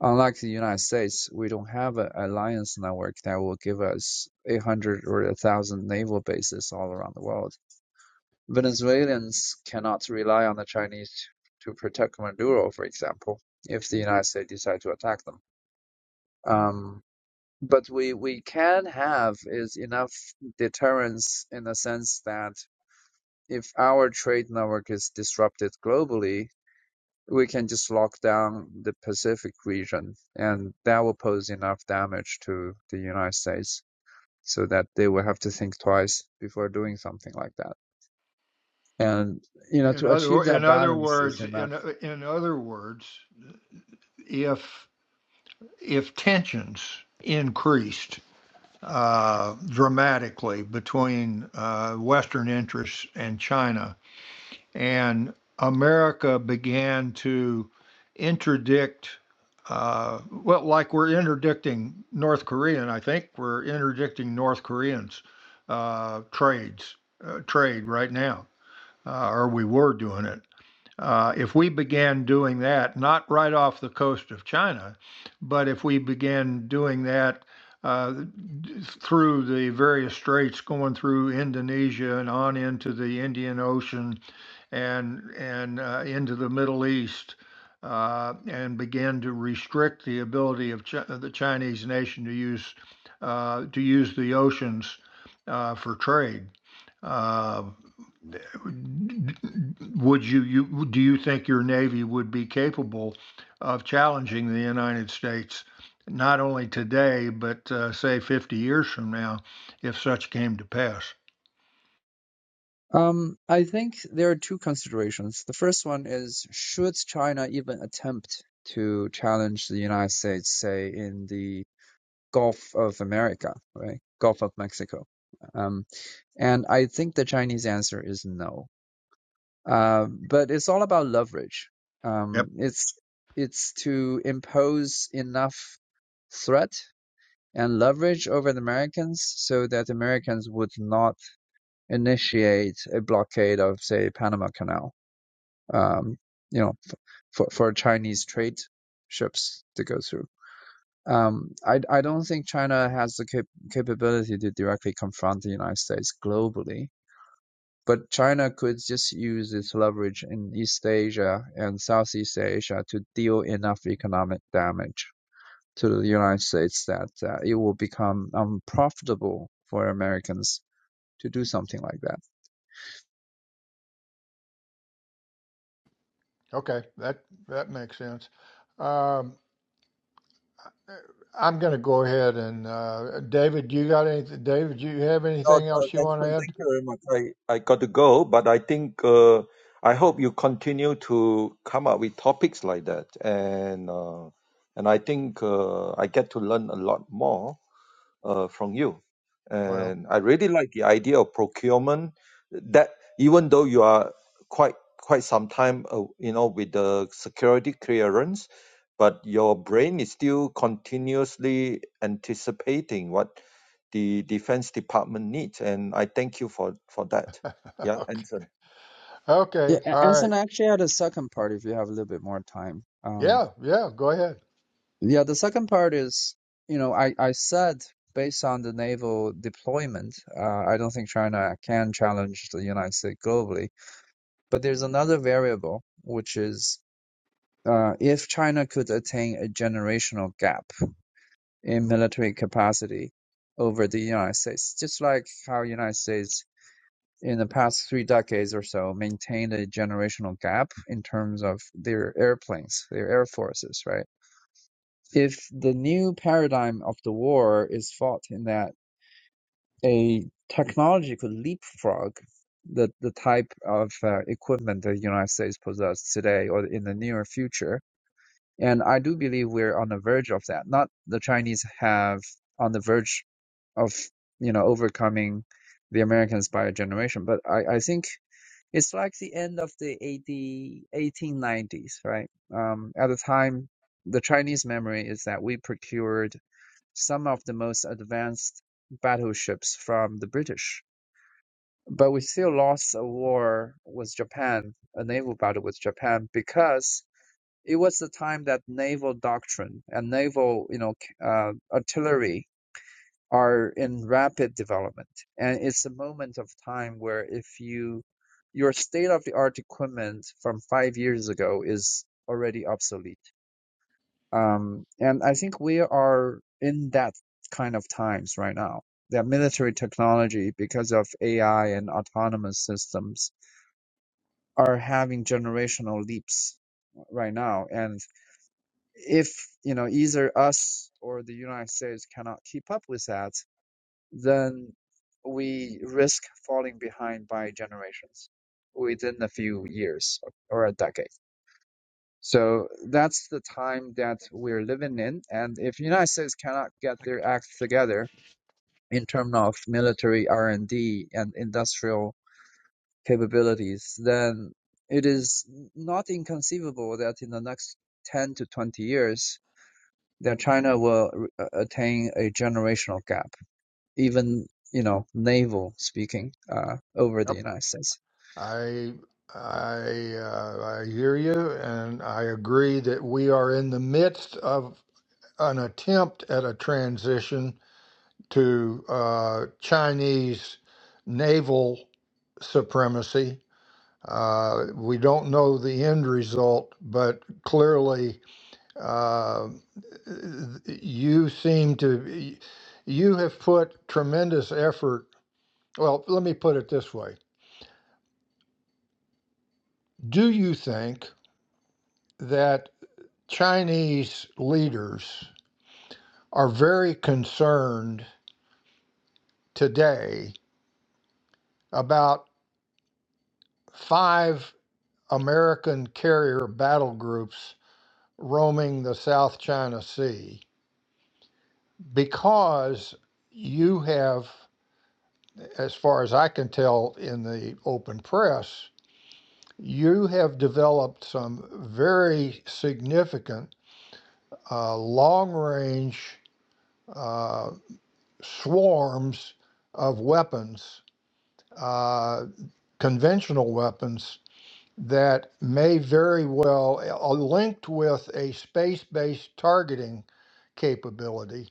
[SPEAKER 5] unlike the United States, we don't have an alliance network that will give us 800 or 1,000 naval bases all around the world. Venezuelans cannot rely on the Chinese to protect Maduro, for example, if the United States decide to attack them. Um, but we we can have is enough deterrence in the sense that if our trade network is disrupted globally, we can just lock down the Pacific region, and that will pose enough damage to the United States so that they will have to think twice before doing something like that. And you know,
[SPEAKER 2] In
[SPEAKER 5] to achieve
[SPEAKER 2] other
[SPEAKER 5] that
[SPEAKER 2] in other
[SPEAKER 5] balance is
[SPEAKER 2] words,
[SPEAKER 5] enough.
[SPEAKER 2] in in other words, if if tensions increased uh, dramatically between uh, Western interests and China, and America began to interdict, uh, well, like we're interdicting North Korean, I think we're interdicting North Koreans' uh, trades, uh, trade right now, uh, or we were doing it. Uh, if we began doing that, not right off the coast of China, but if we began doing that uh, through the various straits going through Indonesia and on into the Indian Ocean and and uh, into the Middle East uh, and began to restrict the ability of Chi- uh, the Chinese nation to use uh, to use the oceans uh, for trade. Uh, would you, you do you think your navy would be capable of challenging the United States not only today but uh, say 50 years from now if such came to pass?
[SPEAKER 5] Um, I think there are two considerations. The first one is should China even attempt to challenge the United States, say, in the Gulf of America, right? Gulf of Mexico. Um, and I think the Chinese answer is no. Um, but it's all about leverage.
[SPEAKER 2] Yep.
[SPEAKER 5] Um, it's it's to impose enough threat and leverage over the Americans so that Americans would not initiate a blockade of, say, Panama Canal um, you know, for, for Chinese trade ships to go through. Um, I, I don't think China has the cap- capability to directly confront the United States globally, but China could just use its leverage in East Asia and Southeast Asia to deal enough economic damage to the United States that uh, it will become unprofitable for Americans to do something like that.
[SPEAKER 2] Okay, that that makes sense. Um, I'm going to go ahead and uh, David, you got anything? David, you have
[SPEAKER 4] no
[SPEAKER 2] anything else
[SPEAKER 4] uh,
[SPEAKER 2] you want to
[SPEAKER 4] Anson,
[SPEAKER 2] add?
[SPEAKER 4] thank you very much i i got to go but i think uh, i hope you continue to come up with topics like that and uh, and i think uh, i get to learn a lot more uh, from you.
[SPEAKER 2] Well,
[SPEAKER 4] And I really like the idea of procurement that even though you are quite quite some time uh, you know with the security clearance, but your brain is still continuously anticipating what the defense department needs. And I thank you for, for that. Yeah,
[SPEAKER 2] okay,
[SPEAKER 4] Anson.
[SPEAKER 5] Yeah,
[SPEAKER 2] okay,
[SPEAKER 5] a-
[SPEAKER 2] all
[SPEAKER 5] as
[SPEAKER 2] right,
[SPEAKER 5] an actually had a second part if you have a little bit more time. Um,
[SPEAKER 2] yeah, yeah, go ahead.
[SPEAKER 5] yeah, the second part is, you know, I, I said based on the naval deployment, uh, I don't think China can challenge the United States globally. But there's another variable, which is uh, if China could attain a generational gap in military capacity over the United States, just like how United States in the past three decades or so maintained a generational gap in terms of their airplanes, their air forces, right? If the new paradigm of the war is fought in that a technology could leapfrog the, the type of uh, equipment that the United States possesses today or in the near future. And I do believe we're on the verge of that. Not the Chinese have on the verge of, you know, overcoming the Americans by a generation, but I, I think it's like the end of the 80, 1890s, right? Um, at the time, the Chinese memory is that we procured some of the most advanced battleships from the British, but we still lost a war with Japan, a naval battle with Japan, because it was the time that naval doctrine and naval, you know, c- uh, artillery are in rapid development. And it's a moment of time where if you your state of the art equipment from five years ago is already obsolete. Um, and I think we are in that kind of times right now. That military technology, because of AI and autonomous systems, are having generational leaps right now. And if you know either us or the United States cannot keep up with that, then we risk falling behind by generations within a few years or a decade. So that's the time that we're living in. And if the United States cannot get their act together in terms of military R&D and D and industrial capabilities, then it is not inconceivable that in the next 10 to 20 years, that China will uh, attain a generational gap even you know naval speaking uh, over the
[SPEAKER 2] Yep,
[SPEAKER 5] United States.
[SPEAKER 2] I, I, uh, I hear you, and I agree that we are in the midst of an attempt at a transition to uh, Chinese naval supremacy. Uh, we don't know the end result, but clearly uh, you seem to, you have put tremendous effort. Well, let me put it this way Do you think that Chinese leaders are very concerned today about? five American carrier battle groups roaming the South China Sea because you have, as far as I can tell in the open press, you have developed some very significant uh, long range uh, swarms of weapons, uh, conventional weapons, that may very well, uh, linked with a space based targeting capability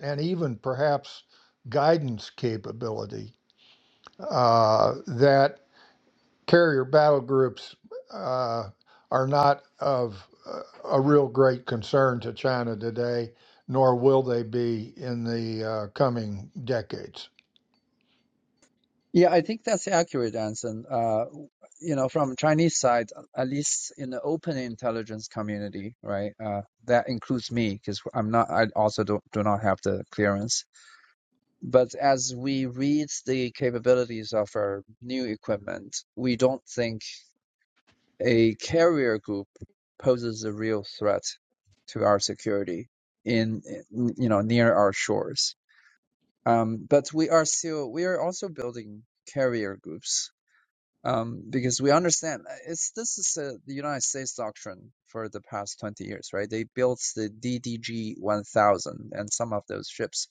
[SPEAKER 2] and even perhaps guidance capability uh, that carrier battle groups uh, are not of uh, a real great concern to China today, nor will they be in the uh, coming decades.
[SPEAKER 5] Yeah, I think that's accurate Anson. uh, you know, from Chinese side, at least in the open intelligence community, right? Uh, that includes me because I'm not. I also don't, do not have the clearance. But as we read the capabilities of our new equipment, we don't think a carrier group poses a real threat to our security in you know near our shores Um, but we are still we are also building carrier groups um, because we understand uh, it's this is uh the United States doctrine for the past 20 years, right? They built the DDG 1000 and some of those ships,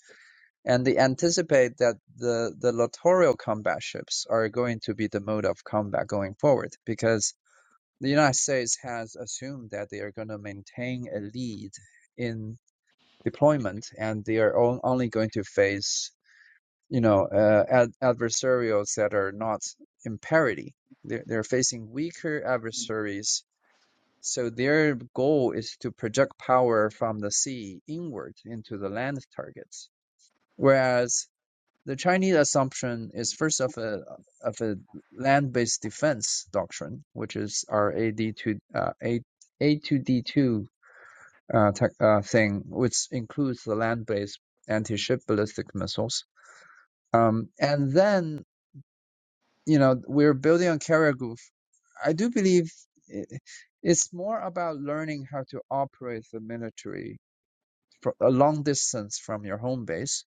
[SPEAKER 5] and they anticipate that the the littoral combat ships are going to be the mode of combat going forward because the United States has assumed that they are going to maintain a lead in deployment and they are only going to face you know, uh, ad- adversarials that are not in parity. They're, they're facing weaker adversaries. So their goal is to project power from the sea inward into the land targets. Whereas the Chinese assumption is first of a of a land-based defense doctrine, which is our AD2 uh, A A2D2 uh, tech, uh, thing, which includes the land-based anti-ship ballistic missiles. Um, and then you know we're building on carrier i do believe it's more about learning how to operate the military a long distance from your home base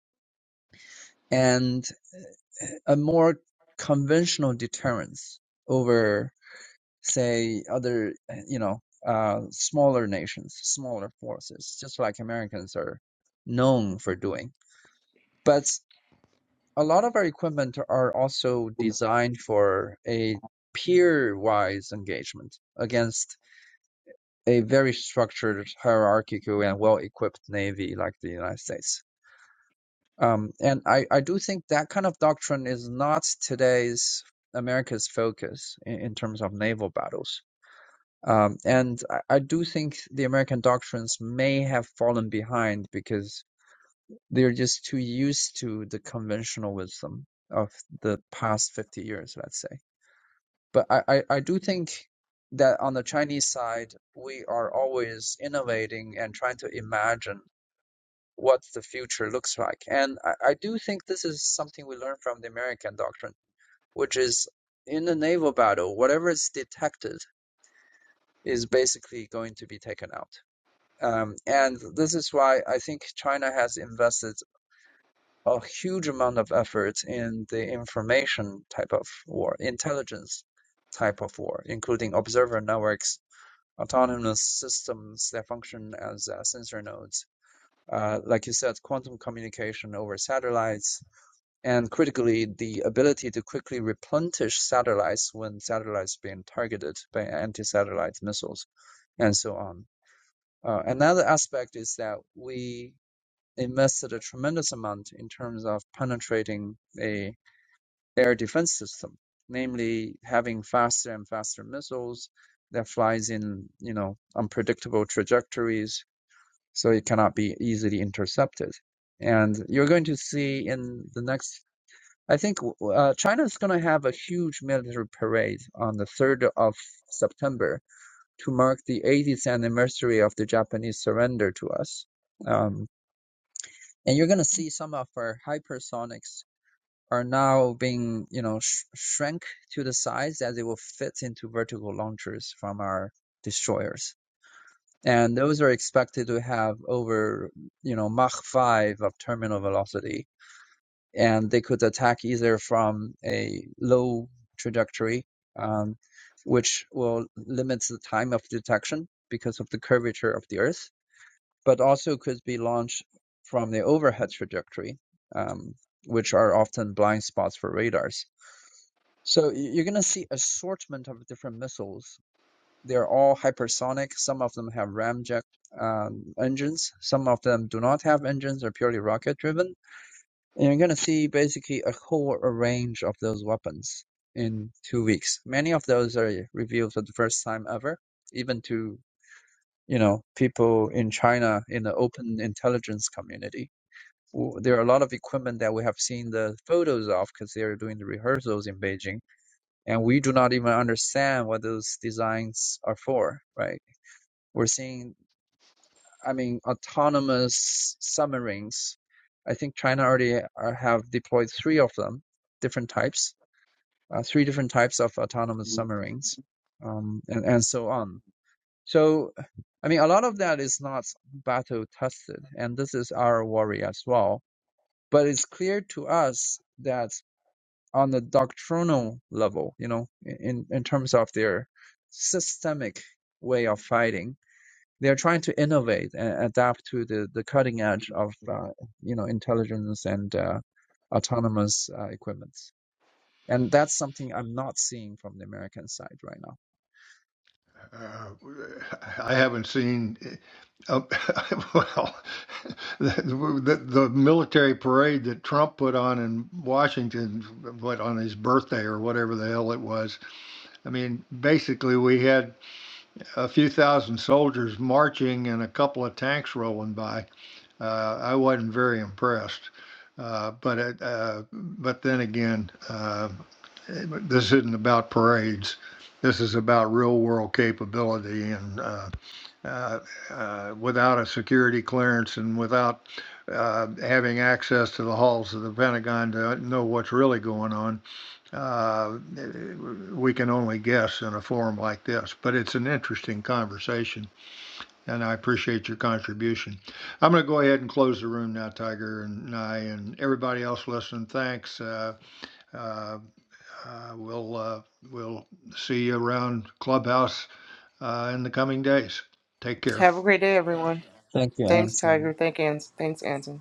[SPEAKER 5] and uh, a more conventional deterrence over say other eh, you know uh, smaller nations smaller forces just like americans are known for doing But a lot of our equipment are also designed for a peer-wise engagement against a very structured, hierarchical, and well-equipped navy like the United States. Um, and I, I do think that kind of doctrine is not today's America's focus in, in terms of naval battles. Um, and I, I do think the American doctrines may have fallen behind because They're just too used to the conventional wisdom of the past 50 years, let's say. But I, I, I do think that on the Chinese side, we are always innovating and trying to imagine what the future looks like. And I, I do think this is something we learn from the American doctrine, which is in a naval battle, whatever is detected is basically going to be taken out. Um, and this is why I think China has invested a huge amount of effort in the information type of war, intelligence type of war, including observer networks, autonomous systems that function as uh, sensor nodes. Uh, like you said, quantum communication over satellites, and critically, the ability to quickly replenish satellites when satellites being targeted by anti-satellite missiles, and so on. Uh, another aspect is that we invested a tremendous amount in terms of penetrating a air defense system, namely having faster and faster missiles that flies in, you know, unpredictable trajectories, so it cannot be easily intercepted. And you're going to see in the next, I think uh, China is going to have a huge military parade on the 3rd of September to mark the 80th anniversary of the Japanese surrender to us. Um, and you're going to see some of our hypersonics are now being, you know, sh- shrunk to the size that they will fit into vertical launchers from our destroyers. And those are expected to have over, you know, Mach 5 of terminal velocity. And they could attack either from a low trajectory, um, which will limit the time of detection because of the curvature of the Earth, but also could be launched from the overhead trajectory, um, which are often blind spots for radars so y- you're going to see assortment of different missiles. They're all hypersonic. Some of them have ramjet um, engines. Some of them do not have engines. They're purely rocket driven. And you're going to see basically a whole range of those weapons in two weeks. Many of those are revealed for the first time ever, even to you know people in China in the open intelligence community. W- There are a lot of equipment that we have seen the photos of because they are doing the rehearsals in Beijing and we do not even understand what those designs are for, right? We're seeing, I mean, autonomous submarines. I think China already uh, have deployed three of them, different types, uh, three different types of autonomous submarines, um, and, and so on. So, I mean, a lot of that is not battle tested, and this is our worry as well. But it's clear to us that on the doctrinal level, you know, in, in terms of their systemic way of fighting. They're trying to innovate and adapt to the, the cutting edge of, uh, you know, intelligence and uh, autonomous uh, equipment. And that's something I'm not seeing from the American side right now.
[SPEAKER 2] Uh, I haven't seen. Uh, well, the, the, the military parade that Trump put on in Washington, what on his birthday or whatever the hell it was, I mean, basically, we had a few thousand soldiers marching and a couple of tanks rolling by. Uh, I wasn't very impressed. Uh, but it, uh, but then again, uh, this isn't about parades. This is about real world capability, and uh, uh, uh, without a security clearance and without uh, having access to the halls of the Pentagon to know what's really going on, uh, we can only guess in a forum like this, but it's an interesting conversation, and I appreciate your contribution. I'm going to go ahead and close the room now, Tiger and I, and everybody else listening. Thanks. Uh, uh, uh, we'll uh, we'll see you around Clubhouse uh, in the coming days. Take care.
[SPEAKER 1] Have a great day, everyone.
[SPEAKER 5] Thank you,
[SPEAKER 1] Thanks,
[SPEAKER 5] Anson.
[SPEAKER 1] Tiger. Thank Ans- Thanks, Anson.